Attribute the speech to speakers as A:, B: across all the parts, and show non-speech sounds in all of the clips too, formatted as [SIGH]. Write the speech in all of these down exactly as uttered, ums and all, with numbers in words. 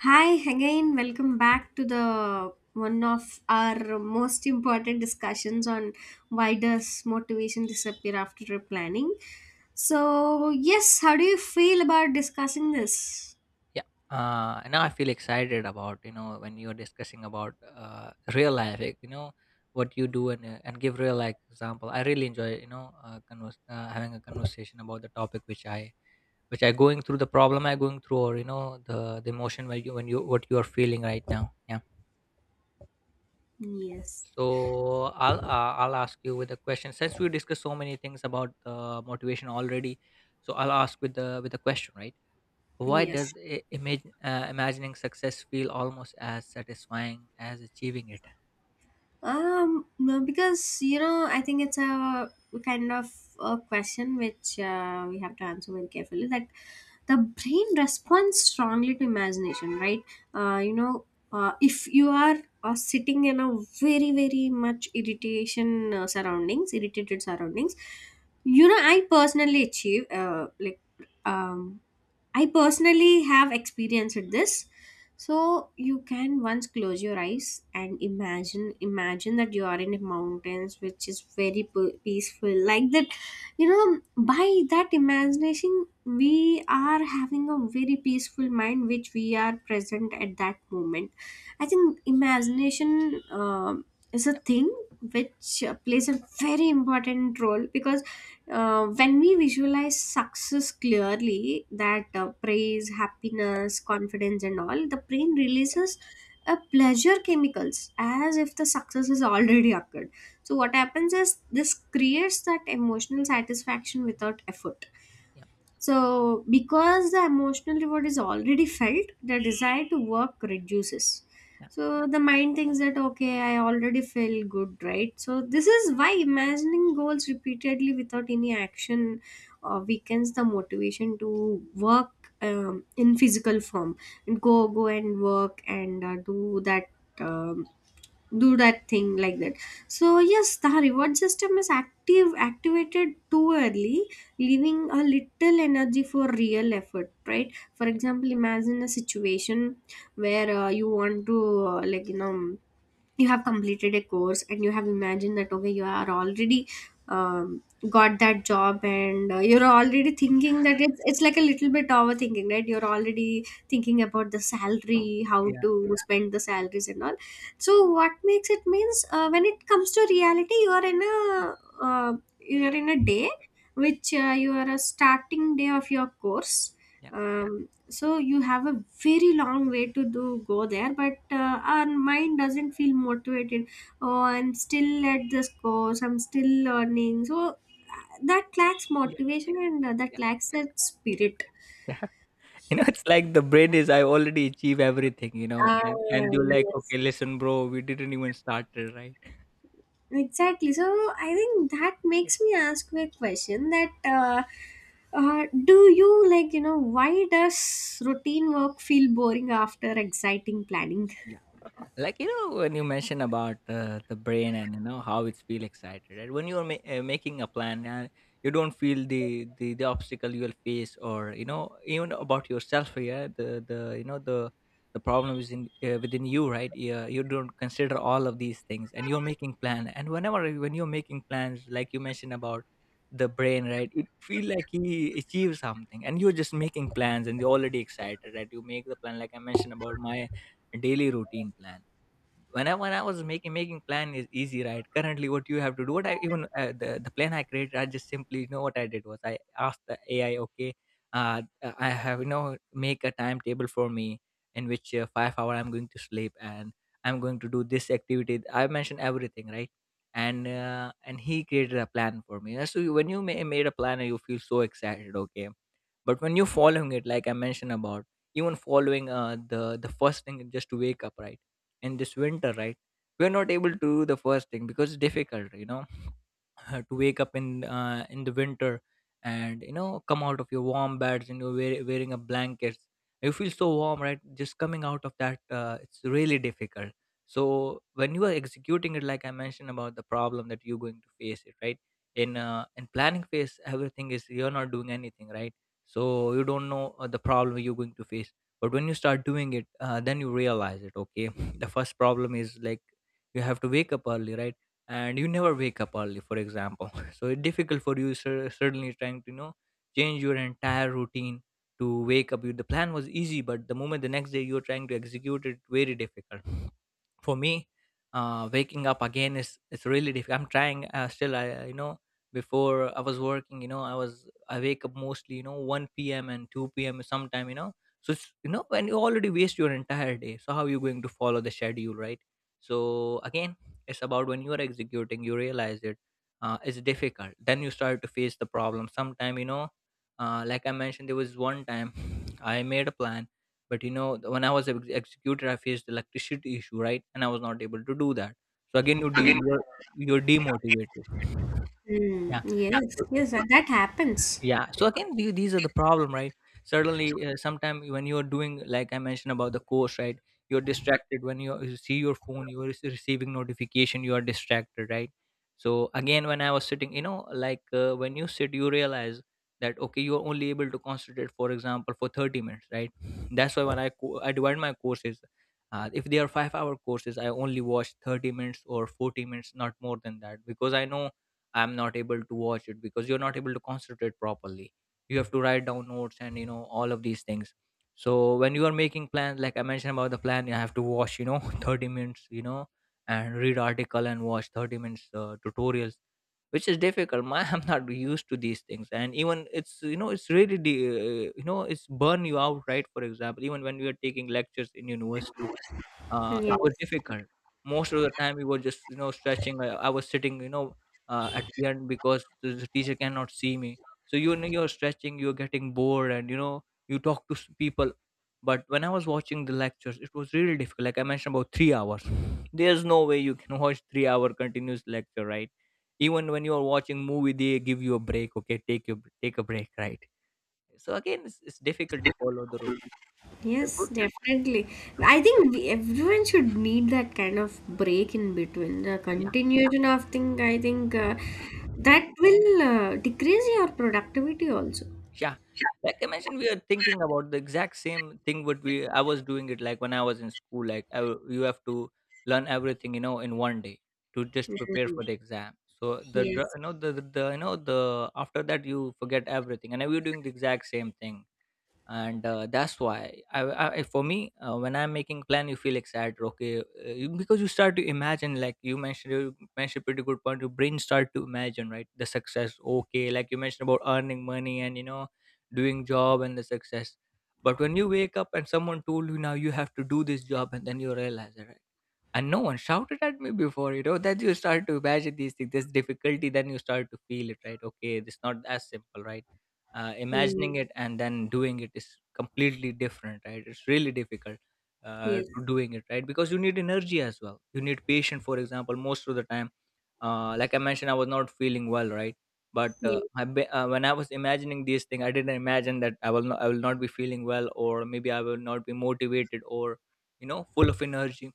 A: Hi again, welcome back to the one of our most important discussions on why does motivation disappear after trip planning. So, yes, how do you feel about discussing this?
B: Yeah. Uh, and now I feel excited about, you know, when you're discussing about uh, real life, like, you know, what you do and, uh, and give real life example. I really enjoy, you know, uh, converse, uh, having a conversation about the topic which i which i going through, the problem I going through, or you know the the emotion where you when you what you are feeling right now, yeah.
A: Yes.
B: So i'll uh, i'll ask you with a question, since we discussed so many things about uh, motivation already. So I'll ask with the with a question, right? Why does
A: Yes.
B: i- imagine, uh, imagining success feel almost as satisfying as achieving it?
A: Um, no, because you know, I think it's a kind of a question which uh, we have to answer very carefully. That the brain responds strongly to imagination, right? Uh, you know, uh, if you are uh, sitting in a very very much irritation uh, surroundings, irritated surroundings, you know, I personally achieve uh, like um I personally have experienced this. So you can once close your eyes and imagine imagine that you are in the mountains, which is very p- peaceful, like that. You know by that imagination, we are having a very peaceful mind, which we are present at that moment. I think imagination um is a thing which uh, plays a very important role, because
B: Yeah,
A: uh, when we visualize success clearly, that uh, praise, happiness, confidence and all, the brain releases a pleasure chemicals as if the success has already occurred. So what happens is this creates that emotional satisfaction without effort.
B: yeah,
A: So, because the emotional reward is already felt, the desire to work reduces.
B: yeah,
A: So, the mind thinks that, okay, I already feel good, right? So, this is why imagining goals repeatedly without any action uh, weakens the motivation to work um, in physical form and go, go and work and uh, do that. um do that thing like that. So yes, the reward system is active activated too early, leaving a little energy for real effort, right? For
B: yeah,
A: example, imagine a situation where uh, you want to uh, like you know you have completed a course and you have imagined that, okay, you are already um, got that job, and uh, you're already thinking that it's, it's like a little bit overthinking, right? You're already thinking about the salary, how
B: yeah,
A: to spend the salaries and all. So what makes it means uh, when it comes to reality, you are in a uh, you are in a day which uh, you are a starting day of your course.
B: yeah,
A: Um, so you have a very long way to do go there, but uh, our mind doesn't feel motivated. Oh, I'm still at this course, I'm still learning, so uh, that lacks
B: yeah,
A: motivation and uh, that
B: yeah.
A: lacks that
B: eh,
A: spirit.
B: yeah. [LAUGHS] You know, it's like the brain is, I already achieve everything, you know,
A: Ah,
B: and and you're like,
A: yes.
B: okay, listen, bro, we didn't even start it, right?
A: Exactly. So I think that
B: Yeah,
A: makes me ask you a question that uh, uh, do you like, you know, why does routine work feel boring after exciting planning?
B: yeah. Like, you know, when you mention about uh, the brain and you know how it's feel excited, right? When you're ma- uh, making a plan and you don't feel the, the the obstacle you'll face, or you know even about yourself, yeah, the the you know the the problem is in uh, within you, right? Yeah, you don't consider all of these things and you're making plan, and whenever when you're making plans, like you mentioned about the brain, right, it feel like he achieves something, and you're just making plans and you're already excited, right? You make the plan like I mentioned about my daily routine plan. When I when I was making making plan is easy, right? Currently, what you have to do, what I even uh, the the plan I created, I just simply, you know, what I did was I asked the A I, okay, uh, uh, I have, you know, make a timetable for me in which uh, five hour I'm going to sleep and I'm going to do this activity. I mentioned everything, right? And uh, and he created a plan for me. So when you ma- made a plan, you feel so excited, okay? But when you're following it, like I mentioned about, even following uh, the the first thing is just to wake up, right? In this winter, right, we're not able to do the first thing because it's difficult, you know, [LAUGHS] to wake up in uh, in the winter and you know come out of your warm beds and you're wear, wearing a blanket. You feel so warm, right, just coming out of that. Uh, it's really difficult. So when you are executing it, like I mentioned about the problem that you're going to face it, right? In uh, in planning phase, everything is, you're not doing anything, right? So you don't know uh, the problem you're going to face. But when you start doing it, uh, then you realize it, okay, [LAUGHS] the first problem is, like, you have to wake up early, right? And you never wake up early, for example. [LAUGHS] So it's difficult for you, cer- certainly trying to, you know, change your entire routine to wake up. You- the plan was easy, but the moment the next day you're trying to execute it, very difficult for me. Uh, waking up again is, it's really difficult. I'm trying, uh, still I uh, you know, before I was working, you know, i was i wake up mostly, you know, one p.m and two p.m sometime, you know. So it's, you know, when you already waste your entire day, so how are you going to follow the schedule, right? So again, it's about when you are executing, you realize it. Uh, it's difficult, then you start to face the problem sometime, you know. Uh, like I mentioned, there was one time, [SIGHS] [LAUGHS] I made a plan, but you know, th- when I was ex- executed, I faced electricity issue, right, and I was not able to do that. So again, you de-
A: Again.
B: you're, you're demotivated.
A: Hmm. Yes,
B: Yeah,
A: yes, that that happens.
B: yeah. So again, the, these are the problem, right? Certainly, uh, sometime when you're doing, like I mentioned about the course, right, you're distracted. When you you see your phone, you're receiving notification, you are distracted, right? So again, when I was sitting, you know, like, uh, when you sit, you realize that, okay, you're only able to concentrate, for example, for thirty minutes, right? That's why when i co- i divide my courses, uh, if they are five hour courses, I only watch thirty minutes or forty minutes, not more than that, because I know I'm not able to watch it because you're not able to concentrate properly. You have to write down notes and, you know, all of these things. So when you are making plans, like I mentioned about the plan, you have to watch, you know, [LAUGHS] thirty minutes, you know, and read article and watch thirty minutes uh, tutorials, which is difficult. My, [LAUGHS] I'm not used to these things, and even it's, you know, it's really the uh, you know, it's burn you out, right? For example, even when we are taking lectures in universities, uh, it
A: Yes,
B: was difficult. Most of the time, we were just, you know, stretching. I, I was sitting, you know, uh, at the end because the, the teacher cannot see me. So, you know, you're stretching, you're getting bored, and, you know, you talk to s- people. But when I was watching the lectures, it was really difficult. Like I mentioned, about three hours. There's no way you can [LAUGHS] watch three-hour continuous lecture, right? Even when you are watching movie, they give you a break. Okay, take your, take a break, right? So again, it's, it's difficult to follow the route. The
A: yes,
B: good,
A: definitely. I think we, everyone should need that kind of break in between. The
B: yeah.
A: continuation of thing, I think uh, that will uh, decrease your productivity also.
B: Yeah. Like I mentioned, we are thinking about the exact same thing what we I was doing it, like when I was in school. Like I, w- you have to learn everything, you know, in one day, to just prepare
A: Hmm.
B: for the exam. So the dr-
A: Yes.
B: you know the, the the, you know the after that you forget everything, and we were doing the exact same thing. And uh, that's why I, I, for me, uh, when I'm making plan, you feel excited, okay, uh, you- because you start to imagine, like you mentioned. You mentioned pretty good point, your brain start to imagine, right, the success, okay, like you mentioned about earning money and, you know, doing job and the success. But when you wake up and someone told you, now you have to do this job, and then you realize it, right? And no one shouted at me before, you know, that you start to imagine these things, this difficulty, then you start to feel it, right, okay, it's not as simple, right? uh,
A: Hmm.
B: imagining it and then doing it is completely different, right, it's really difficult uh,
A: Yes.
B: to doing it, right, because you need energy as well, you need patience, for example. Most of the time, uh, like I mentioned, I was not feeling well, right? but uh,
A: Yes.
B: I be, uh, when I was imagining these things, I didn't imagine that i will not, i will not be feeling well, or maybe I will not be motivated or, you know, full of energy.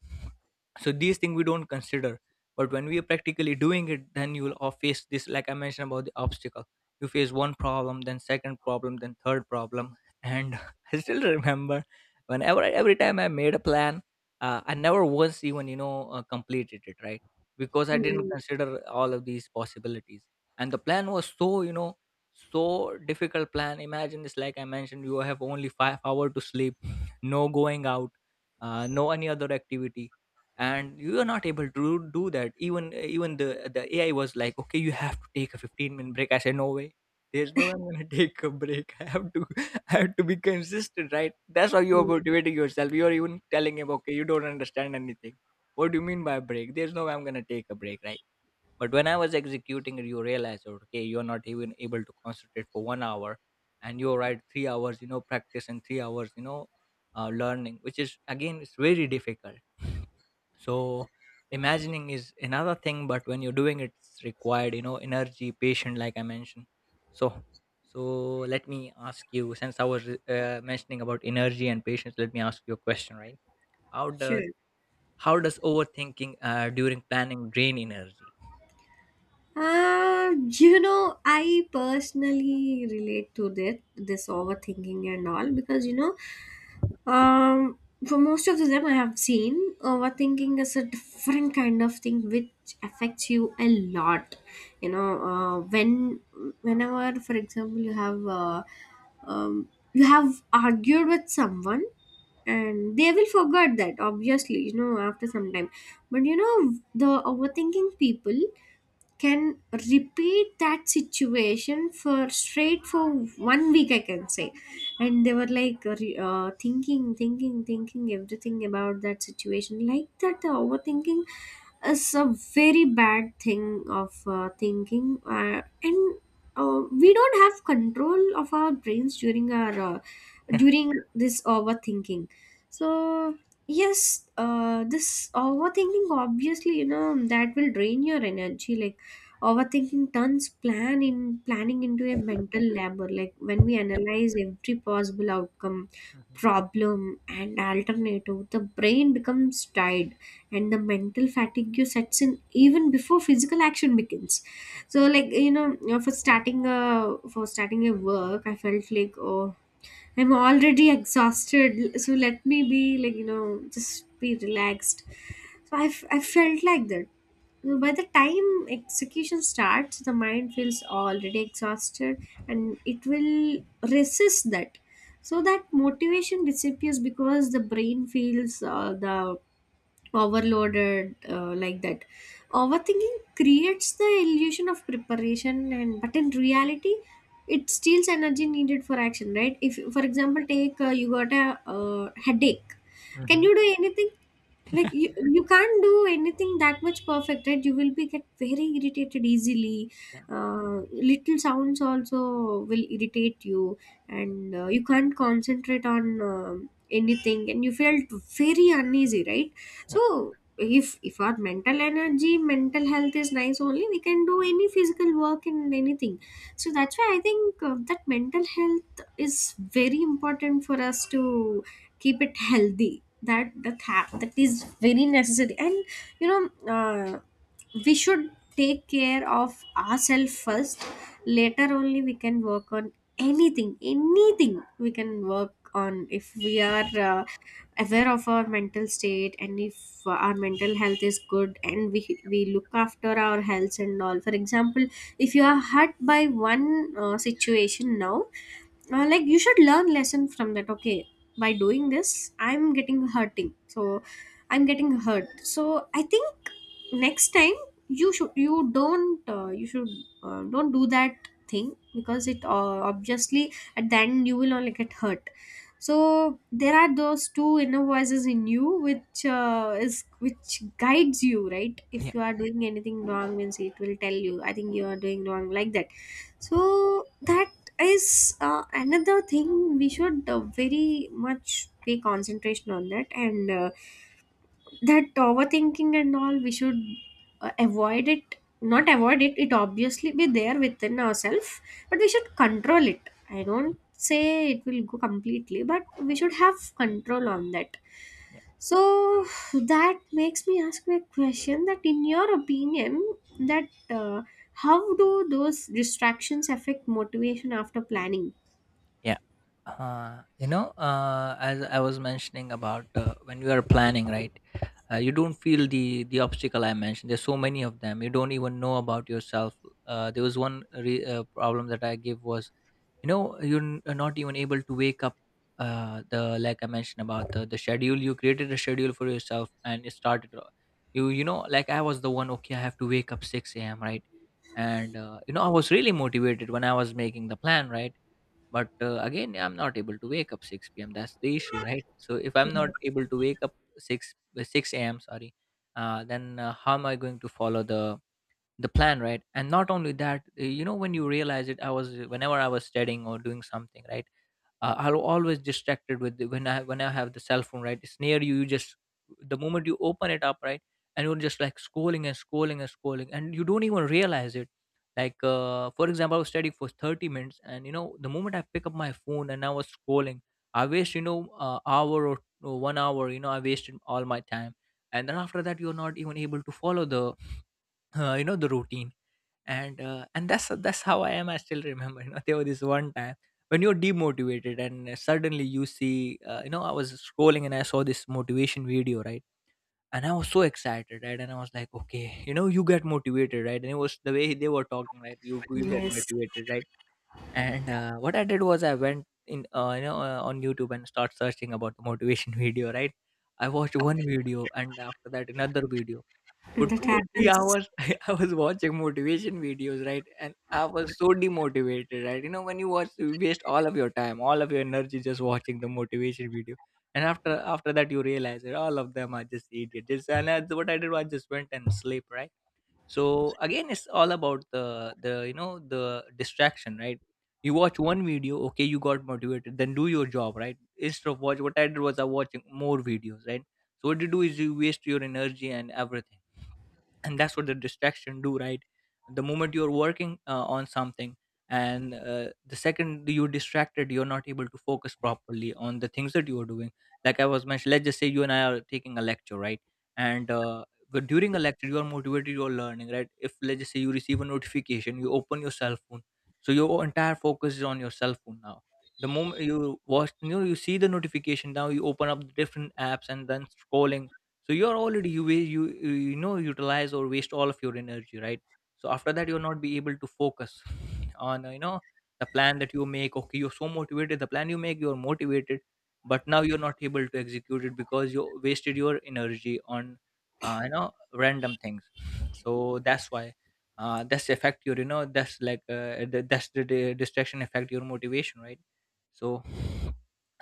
B: So these things we don't consider, but when we are practically doing it, then you will all face this. Like I mentioned about the obstacle, you face one problem, then second problem, then third problem. And [LAUGHS] I still remember, whenever I, every time I made a plan, uh, I never once even, you know, uh, completed it, right? Because I didn't
A: Mm,
B: consider all of these possibilities. And the plan was so, you know, so difficult plan. Imagine this, like I mentioned, you have only five hours to sleep, no going out, uh, no any other activity, and you are not able to do that. Even even the the A I was like, okay, you have to take a fifteen minute break. I said, no way. There's no way I'm gonna [LAUGHS] take a break. [LAUGHS] I have to, [LAUGHS] I have to be consistent, right? That's how you are
A: mm,
B: motivating yourself. You are even telling him, okay, you don't understand anything, what do you mean by break? There's no way I'm gonna take a break, right? But when I was executing it, you realize, okay, you're not even able to concentrate for one hour, and you're right, three hours, you know, practice and three hours, you know, uh, learning, which is again, it's very difficult. So imagining is another thing, but when you're doing it, it's required, you know, energy, patient, like I mentioned. So, so let me ask you, since I was uh, mentioning about energy and patience, let me ask you a question, right? How does
A: sure.
B: how does overthinking uh, during planning drain energy?
A: Uh, you know, I personally relate to that, this overthinking and all, because you know Um, for most of them I have seen, overthinking is a different kind of thing which affects you a lot. You know, uh, when whenever, for example, you have uh, um, you have argued with someone, and they will forget that obviously. You know, after some time, but you know the overthinking people can repeat that situation for straight for one week, I can say. And they were like uh, re- uh, thinking, thinking, thinking everything about that situation like that. The overthinking is a very bad thing of uh, thinking uh, and uh,
B: Yeah,
A: we don't have control of our brains during our uh,
B: [LAUGHS] yeah.
A: during this overthinking. So yes, uh, this overthinking obviously you know that will drain your energy, like overthinking turns plan in planning into a mental labor, like when we analyze every possible outcome,
B: Mm-hmm.
A: problem and alternative, the brain becomes tired and the mental fatigue sets in even before physical action begins. So like you know you know, for starting a for starting a work, I felt like, oh, I'm already exhausted, so let me be like, you know, just be relaxed. So I, f- I felt like that. You know, By the time execution starts, the mind feels already exhausted, and it will resist that. So that motivation disappears because the brain feels uh, the overloaded uh, like that. Overthinking creates the illusion of preparation, and but in reality it steals energy needed for action, right? If, for example, take uh, you got a uh, headache, can
B: Mm-hmm.
A: you do anything? Like, you, you can't do anything that much perfect, right? You will be get very irritated easily.
B: Yeah.
A: uh, Little sounds also will irritate you,
B: Yep.
A: and uh, you can't concentrate on um anything, and you felt very uneasy, right? So
B: Yep.
A: if if our mental energy mental health is nice, only we can do any physical work and anything. So that's why I think uh, that mental health is very important for us to keep it healthy. That that hap- that is very necessary, and you know uh, we should take care of ourselves first. Later only we can work on anything anything we can work on, if we are uh, aware of our mental state, and if our mental health is good, and we we look after our health and all. For example, if you are hurt by one uh, situation now, uh, like you should learn lesson from that. Okay, by doing this I'm getting hurting, so I'm getting hurt. So I think next time you should you don't uh, you should uh, don't do that thing, because it uh, obviously at the end you will only get hurt. So there are those two inner voices in you which uh, is which guides you, right? If
B: Yep.
A: you are doing anything wrong means it will tell you, I think you are doing wrong, like that. So that is uh, another thing we should uh, very much pay concentration on that. And uh, that overthinking and all, we should uh, avoid it. Not avoid it, it obviously be there within ourselves, but we should control it. I don't say it will go completely, but we should have control on that.
B: Yep.
A: So that makes me ask my question, that in your opinion, that uh, how do those distractions affect motivation after planning?
B: Yeah. Uh, you know, uh, as I was mentioning about uh, when you are planning, right? Uh, you don't feel the the obstacle I mentioned. There's so many of them. You don't even know about yourself. Uh, there was one re- uh, problem that I gave was you know you're n- uh, not even able to wake up uh the like I mentioned about the, the schedule. You created a schedule for yourself and it started, uh, you you know like I was the one, okay, I have to wake up six a.m, right? And uh, you know, I was really motivated when I was making the plan, right? But uh, again, I'm not able to wake up six p.m. That's the issue, right? So if I'm not able to wake up six, uh, six a.m, sorry. Uh, then uh, how am I going to follow the the plan, right? And not only that, uh, you know, when you realize it, I was, whenever I was studying or doing something, right, uh, I'll always distracted with the, when i when i have the cell phone, right? It's near you. You just, the moment you open it up, right, and you're just like scrolling and scrolling and scrolling, and you don't even realize it. Like uh, for example, I was studying for thirty minutes, and you know, the moment I pick up my phone and I was scrolling, I waste, you know, uh, hour or, or one hour, you know, I wasted all my time. And then after that, you're not even able to follow the, uh, you know, the routine. And uh, and that's that's how I am. I still remember, you know, there was this one time when you're demotivated and suddenly you see, uh, you know, I was scrolling and I saw this motivation video, right? And I was so excited, right? And I was like, okay, you know, you get motivated, right? And it was the way they were talking, right? You you get
A: Yes,
B: motivated, right? And uh, what I did was I went in, uh, you know, uh, on YouTube and start searching about the motivation [LAUGHS] video, right? I watched one video and after that another video for
A: that
B: two or three
A: happens.
B: hours, [LAUGHS] I was watching motivation videos, right? And I was so demotivated, right? You know, when you watch, you waste all of your time, all of your energy just watching the motivation video. And after after that, you realize that all of them are just idiots. Just, and that's what I did. I just went and sleep, right? So again, it's all about the the you know the distraction, right? You watch one video, okay, you got motivated, then do your job, right? Instead of watch, what I did was I watching more videos, right? So what you do is you waste your energy and everything, and that's what the distraction do, right? The moment you're working uh, on something, and uh, the second you're distracted, you're not able to focus properly on the things that you are doing. Like I was mentioned, let's just say you and I are taking a lecture, right? And uh, but during a lecture, you are motivated, you're learning, right? If let's just say you receive a notification, you open your cell phone, so your entire focus is on your cell phone now. The moment you watch, you know, you see the notification, now you open up the different apps and then scrolling. So you're already, you wa- you you know, utilize or waste all of your energy, right? So after that, you'll not be able to focus [LAUGHS] on uh, you know, the plan that you make. Okay, you're so motivated, the plan you make, you're motivated, but now you're not able to execute it because you wasted your energy on, uh, you know, random things. So that's why, uh, that's the effect your, you know, that's like, uh, the, that's the, the distraction effect your motivation, right? So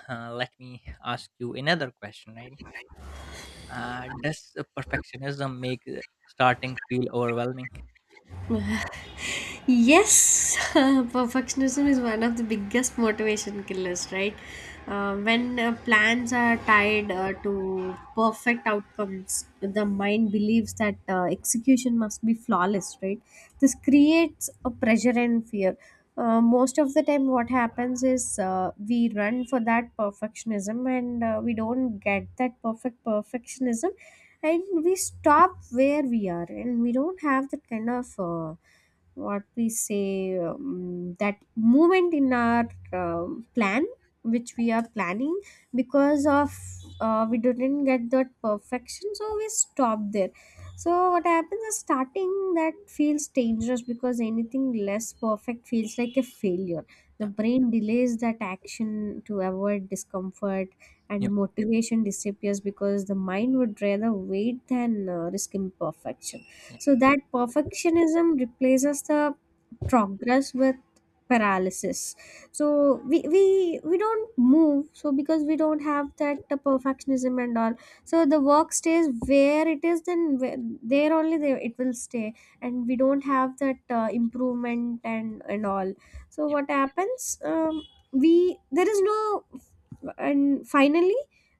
B: uh, let me ask you another question, right? Uh, does uh, perfectionism make uh, starting feel overwhelming?
A: [LAUGHS] Yes, [LAUGHS] perfectionism is one of the biggest motivation killers, right? Uh, when uh, plans are tied uh, to perfect outcomes, the mind believes that uh, execution must be flawless, right? This creates a pressure and fear. Uh, most of the time, what happens is uh, we run for that perfectionism, and uh, we don't get that perfect perfectionism, and we stop where we are, and we don't have that kind of. Uh, what we say, um, that movement in our um plan which we are planning, because of uh, we didn't get that perfection, so we stop there. So what happens is starting that feels dangerous, because anything less perfect feels like a failure. The
B: Yeah,
A: brain delays that action to avoid discomfort, and
B: yeah,
A: motivation disappears because the mind would rather wait than uh, risk imperfection.
B: yeah,
A: So that perfectionism replaces the progress with paralysis. So we, we we don't move, so because we don't have that the perfectionism and all. So the work stays where it is, then where, there only, there it will stay, and we don't have that uh, improvement and and all. So
B: yeah.
A: what happens? Um, we There is no, and finally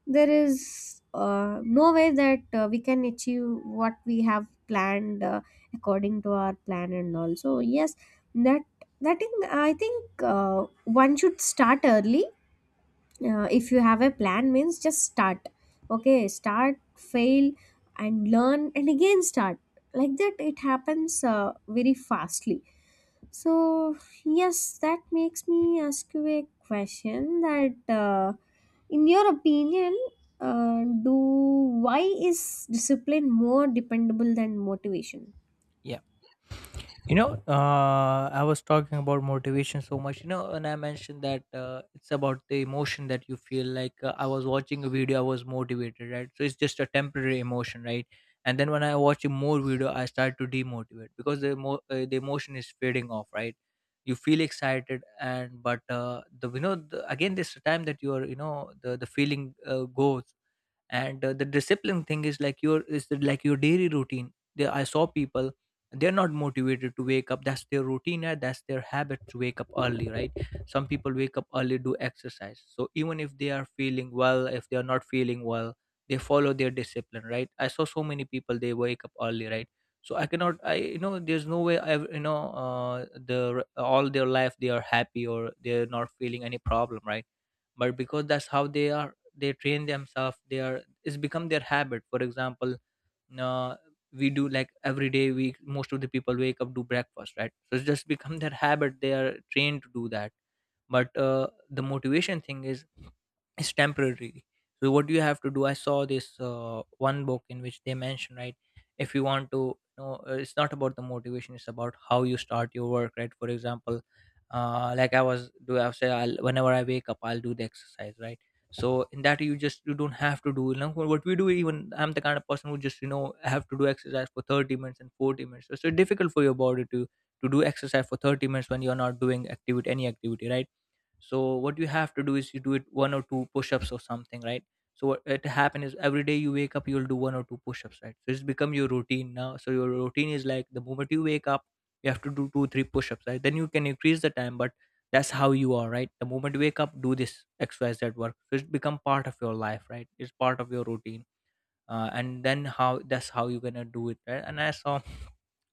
A: there is uh, no way that uh, we can achieve what we have planned uh, according to our plan and all. So yes, that that thing, I think uh, one should start early. Uh, if you have a plan means, just start. Okay, start, fail and learn and again start, like that it happens uh, very fastly. So yes, that makes me ask you a question that uh, in your opinion uh, do why is discipline more dependable than motivation?
B: Yeah. You know, uh, I was talking about motivation so much, you know, and I mentioned that uh, it's about the emotion that you feel. Like uh, I was watching a video, I was motivated, right? So it's just a temporary emotion, right? And then when I watch a more video, I start to demotivate because the emo- uh, the emotion is fading off, right? You feel excited, and but uh, the, you know, the, again, this time that you are, you know, the the feeling uh, goes. And uh, the discipline thing is like your is like your daily routine. There I saw people, they're not motivated to wake up. That's their routine and that's their habit to wake up early, right? Some people wake up early, do exercise. So even if they are feeling well, if they are not feeling well, they follow their discipline, right? I saw so many people, they wake up early, right? So I cannot, I, you know, there's no way I, you know, uh the all their life they are happy or they're not feeling any problem, right? But because that's how they are, they train themselves, they are, it's become their habit. For example, uh, we do, like, every day, we, most of the people wake up, do breakfast, right? So it's just become their habit, they are trained to do that. But uh, the motivation thing is it's temporary. So what you have to do, I saw this uh, one book in which they mention, right, if you want to, you know, uh, it's not about the motivation; it's about how you start your work, right? For example, uh, like I was do, I've said, I'll, whenever I wake up, I'll do the exercise, right? So in that, you just you don't have to do. You know, what we do, even I'm the kind of person who just, you know, have to do exercise for thirty minutes and forty minutes. So it's so difficult for your body to to do exercise for thirty minutes when you're not doing activity, any activity right? So what you have to do is you do it one or two push-ups or something, right? So what it happen is every day you wake up, you'll do one or two push-ups, right? So it's become your routine now. So your routine is like the moment you wake up, you have to do two three push-ups, right? Then you can increase the time. But that's how you are, right? The moment you wake up, do this xyz work. So it's become part of your life, right? It's part of your routine. Uh, and then how, that's how you're gonna do it, right? And I saw,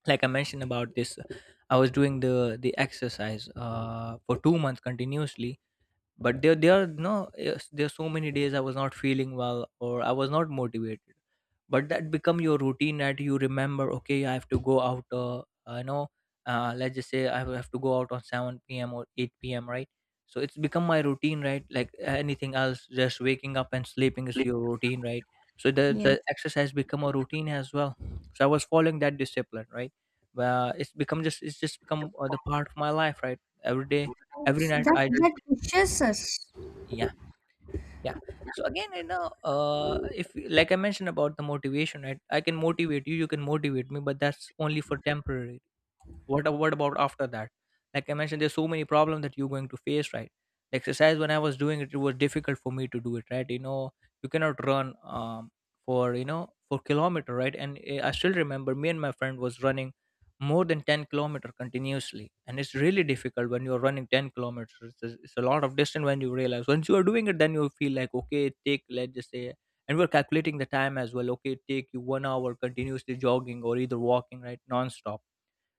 B: like I mentioned about this, I was doing the the exercise uh, for two months continuously. But there there are no, yes, there are so many days I was not feeling well or I was not motivated. But that become your routine, that you remember, okay, I have to go out, uh, I know, uh, let's just say I have to go out on seven p.m or eight p.m, right? So it's become my routine, right? Like anything else, just waking up and sleeping is your routine, right? So the
A: Yes.
B: the exercise become a routine as well. So I was following that discipline, right? Well, it's become just, it's just become uh, the part of my life, right? Every day, every night,
A: that
B: I
A: that
B: just
A: pushes us.
B: yeah, yeah. So again, you know, uh, if you- like I mentioned about the motivation, right, I can motivate you, you can motivate me, but that's only for temporary. What a- what about after that? Like I mentioned, there's so many problems that you're going to face, right? The exercise, when I was doing it, it was difficult for me to do it, right? You know, you cannot run, um, for, you know, for kilometer, right? And eh, I still remember, me and my friend was running more than ten kilometer continuously, and it's really difficult when you're running ten kilometers. It's a, it's a lot of distance. When you realize once you are doing it, then you feel like, okay, it take, let's just say, and we're calculating the time as well, okay, it take you one hour continuously jogging or either walking, right, non-stop.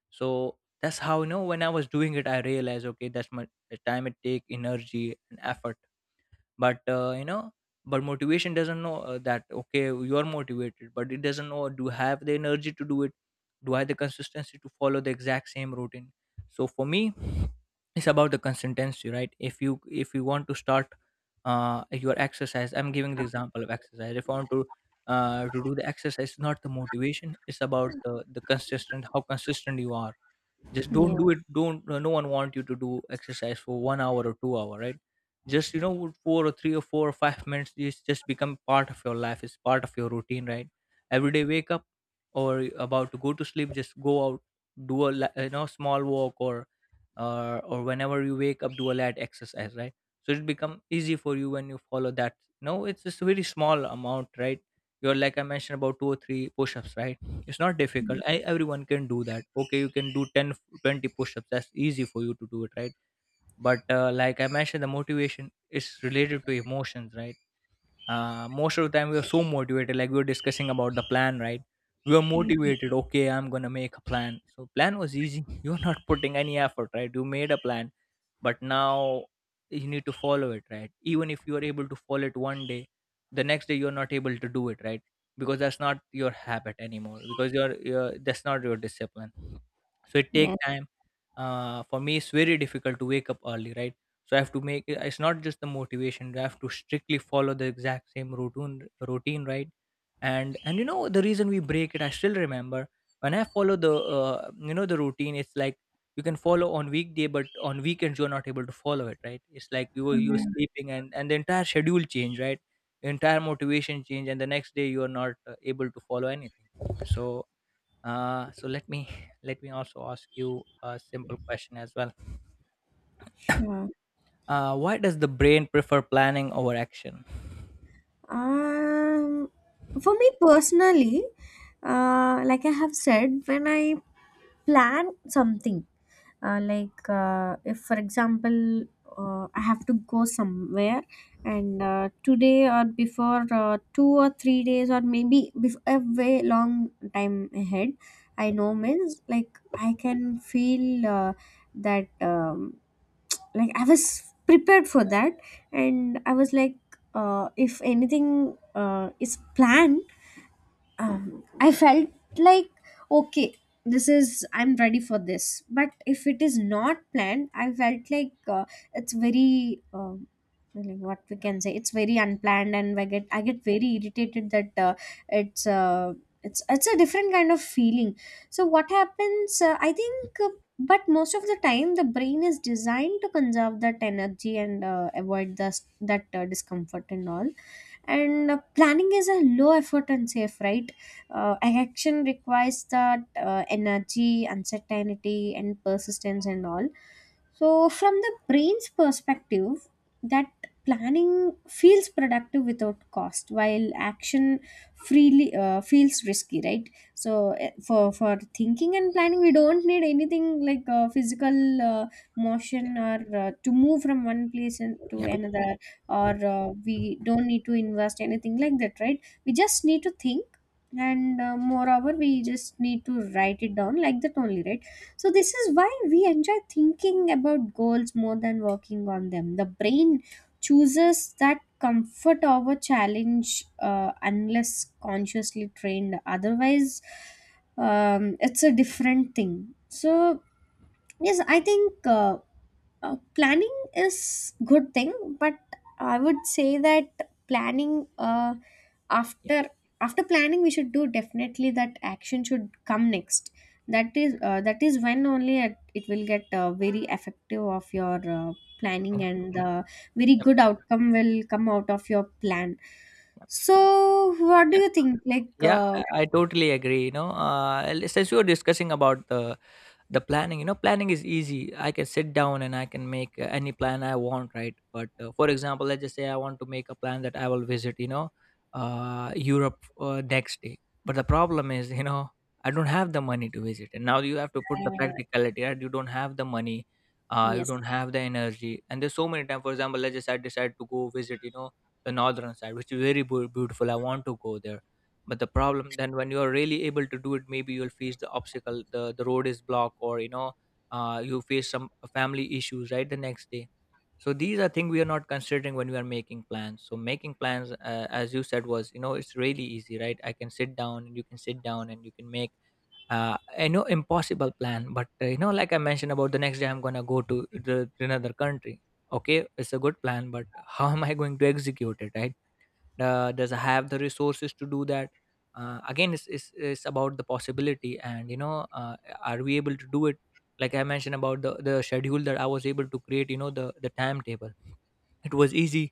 B: So that's how, you know, when I was doing it, I realized, okay, that's my time, it take energy and effort. But uh, you know, but motivation doesn't know uh, that, okay, you are motivated, but it doesn't know, do you have the energy to do it? Do I have the consistency to follow the exact same routine? So for me, it's about the consistency, right? If you if you want to start uh, your exercise, I'm giving the example of exercise. If i want to uh, to do the exercise. Not the motivation, it's about the the consistent, how consistent you are. Just don't
A: Yes.
B: do it. Don't uh, No one want you to do exercise for one hour or two hour, right? Just you know with four or three or four or five minutes, it's just become part of your life, it's part of your routine, right? Every day wake up or about to go to sleep, just go out, do a li- you know small walk, or uh, or whenever you wake up, do a light exercise, right? So it become easy for you when you follow that. No, it's just a very small amount, right? You're, like I mentioned, about two or three push-ups, right? It's not difficult. I, everyone can do that. Okay, you can do ten, twenty push-ups, that's easy for you to do it, right? But uh, like I mentioned, the motivation is related to emotions, right? Uh, most of the time, we were so motivated, like we were discussing about the plan, right? We were
A: Yeah.
B: motivated. Okay, I'm gonna make a plan, so plan was easy. [LAUGHS] You're not putting any effort, right? You made a plan, but now you need to follow it, right? Even if you are able to follow it one day, the next day you're not able to do it, right? Because that's not your habit anymore, because you're, you're that's not your discipline. So it take
A: Yes.
B: time. Uh, for me, it's very difficult to wake up early, right? So I have to make it. It's not just the motivation. I have to strictly follow the exact same routine routine right? And and you know, the reason we break it, I still remember. When I follow the uh, you know the routine, it's like you can follow on weekday but on weekends you're not able to follow it, right? It's like you were you're
A: Mm.
B: sleeping, and and the entire schedule change, right? The entire motivation change, and the next day you are not uh, able to follow anything. So uh so let me [LAUGHS] let me also ask you a simple question as well.
A: Sure.
B: Uh, why does the brain prefer planning over action?
A: Um, for me personally, uh, like I have said, when I plan something, uh, like uh, if, for example, uh, I have to go somewhere, and uh, today or before uh, two or three days, or maybe before a way long time ahead, I know means, like I can feel uh, that. Um, like I was prepared for that, and I was like uh, if anything uh, is planned, um, I felt like, okay, this is, I'm ready for this. But if it is not planned, I felt like uh, it's very, um, like what we can say, it's very unplanned, and I get, I get very irritated that uh, it's, uh, it's, it's a different kind of feeling. So what happens, uh, I think, uh, but most of the time the brain is designed to conserve that energy and uh, avoid the, that uh, discomfort and all. And uh, planning is a low effort and safe, right? Uh, action requires that uh, energy, uncertainty and persistence and all. So from the brain's perspective, that planning feels productive without cost, while action freely uh, feels risky, right? So eh, for for thinking and planning, we don't need anything like uh, physical uh,
B: Yeah,
A: motion, or uh, to move from one place and to
B: yeah,
A: another. Or uh, we don't need to invest anything like that, right? We just need to think, and uh, moreover we just need to write it down like that only, right? So this is why we enjoy thinking about goals more than working on them. The brain chooses that comfort over challenge, uh, unless consciously trained otherwise. Um, it's a different thing. So yes, I think uh, uh, planning is good thing, but I would say that planning uh,
B: yeah,
A: after after planning we should do definitely that action should come next.
B: yeah,
A: That is uh, that is when only it, it will get uh, very effective of your uh, planning, and the very
B: yeah.
A: good outcome will come out of your plan. So what do
B: Yeah.
A: you think, like
B: Yeah,
A: uh,
B: I I totally agree. You know, uh, l- since you were discussing about the the planning, you know planning is easy. I can sit down and I can make uh, any plan I want, right? But uh, for example, let's just say I want to make a plan that I will visit, you know uh, Europe uh, next day. But the problem is, you know I don't have the money to visit, and now you have to put the
A: uh,
B: practicality, right? You don't have the money, uh, you
A: yes,
B: don't have the energy, and there's so many times. For example, let's just say I decide to go visit, you know the northern side, which is very beau- beautiful, I want to go there. But the problem, then when you are really able to do it, maybe you'll face the obstacle, the the road is blocked, or you know uh, you face some family issues, right? The next day. So these are things we are not considering when we are making plans. So making plans, uh, as you said, was, you know it's really easy, right? I can sit down and you can sit down and you can make uh, I know impossible plan, but uh, you know, like I mentioned about the next day, I'm gonna go to the, to another country. Okay, it's a good plan, but [LAUGHS] how am I going to execute it, right? Uh, does have the resources to do that. Uh, again, it's, it's, it's about the possibility, and you know uh, are we able to do it? Like I mentioned about the, the schedule that I was able to create, you know, the the timetable. It was easy.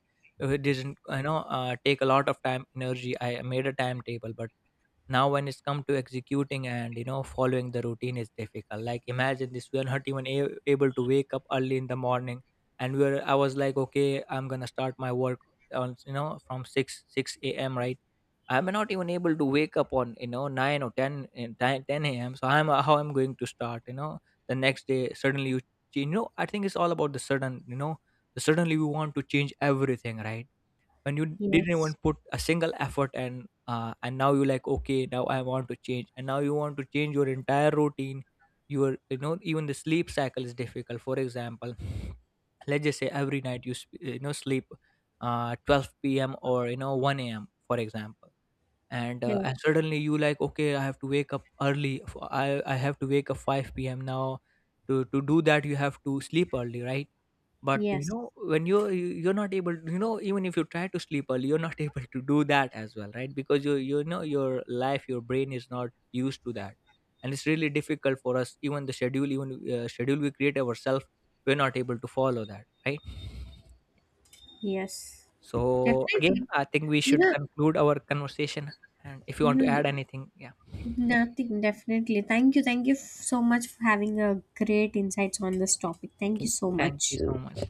B: Uh, it didn't you know uh, take a lot of time, energy. I made a timetable, but now when it's come to executing and, you know, following the routine is difficult. Like imagine this, we are not even a- able to wake up early in the morning. And we were. I was like, okay, I'm gonna start my work on, you know, from 6 6 a.m, right? I'm not even able to wake up on, you know, nine or ten, in 10 10 a.m, so I'm how I'm going to start, you know, the next day. Suddenly, you you know I think it's all about the sudden, you know suddenly we want to change everything, right? When you didn't even
A: yes,
B: put a single effort, and uh, and now you like, okay, now I want to change, and now you want to change your entire routine. Your you know Even the sleep cycle is difficult. For example, [SNIFFS] let's just say every night you sp- you know sleep uh twelve p m or, you know, one a m, for example. and uh,
A: yes,
B: and suddenly you like, okay, I have to wake up early. F- i i have to wake up five p m now. To to do that, you have to sleep early, right? But you
A: yes,
B: know, when you you- you're not able to, you know, even if you try to sleep early, you're not [LAUGHS] able to do that as well, right? Because you you know your life, your brain is not used to that, and it's really difficult for us. Even the schedule, even uh, schedule we create ourselves, we're not able to follow that, right?
A: yes,
B: So again,
A: definitely
B: I think we
A: you
B: should
A: know
B: conclude our conversation. And if you want to
A: Mm,
B: add anything, yeah,
A: nothing, definitely. Thank you. Thank you f- so much for having a great insights on this topic. Thank
B: okay,
A: you so
B: thank you
A: much.
B: so much.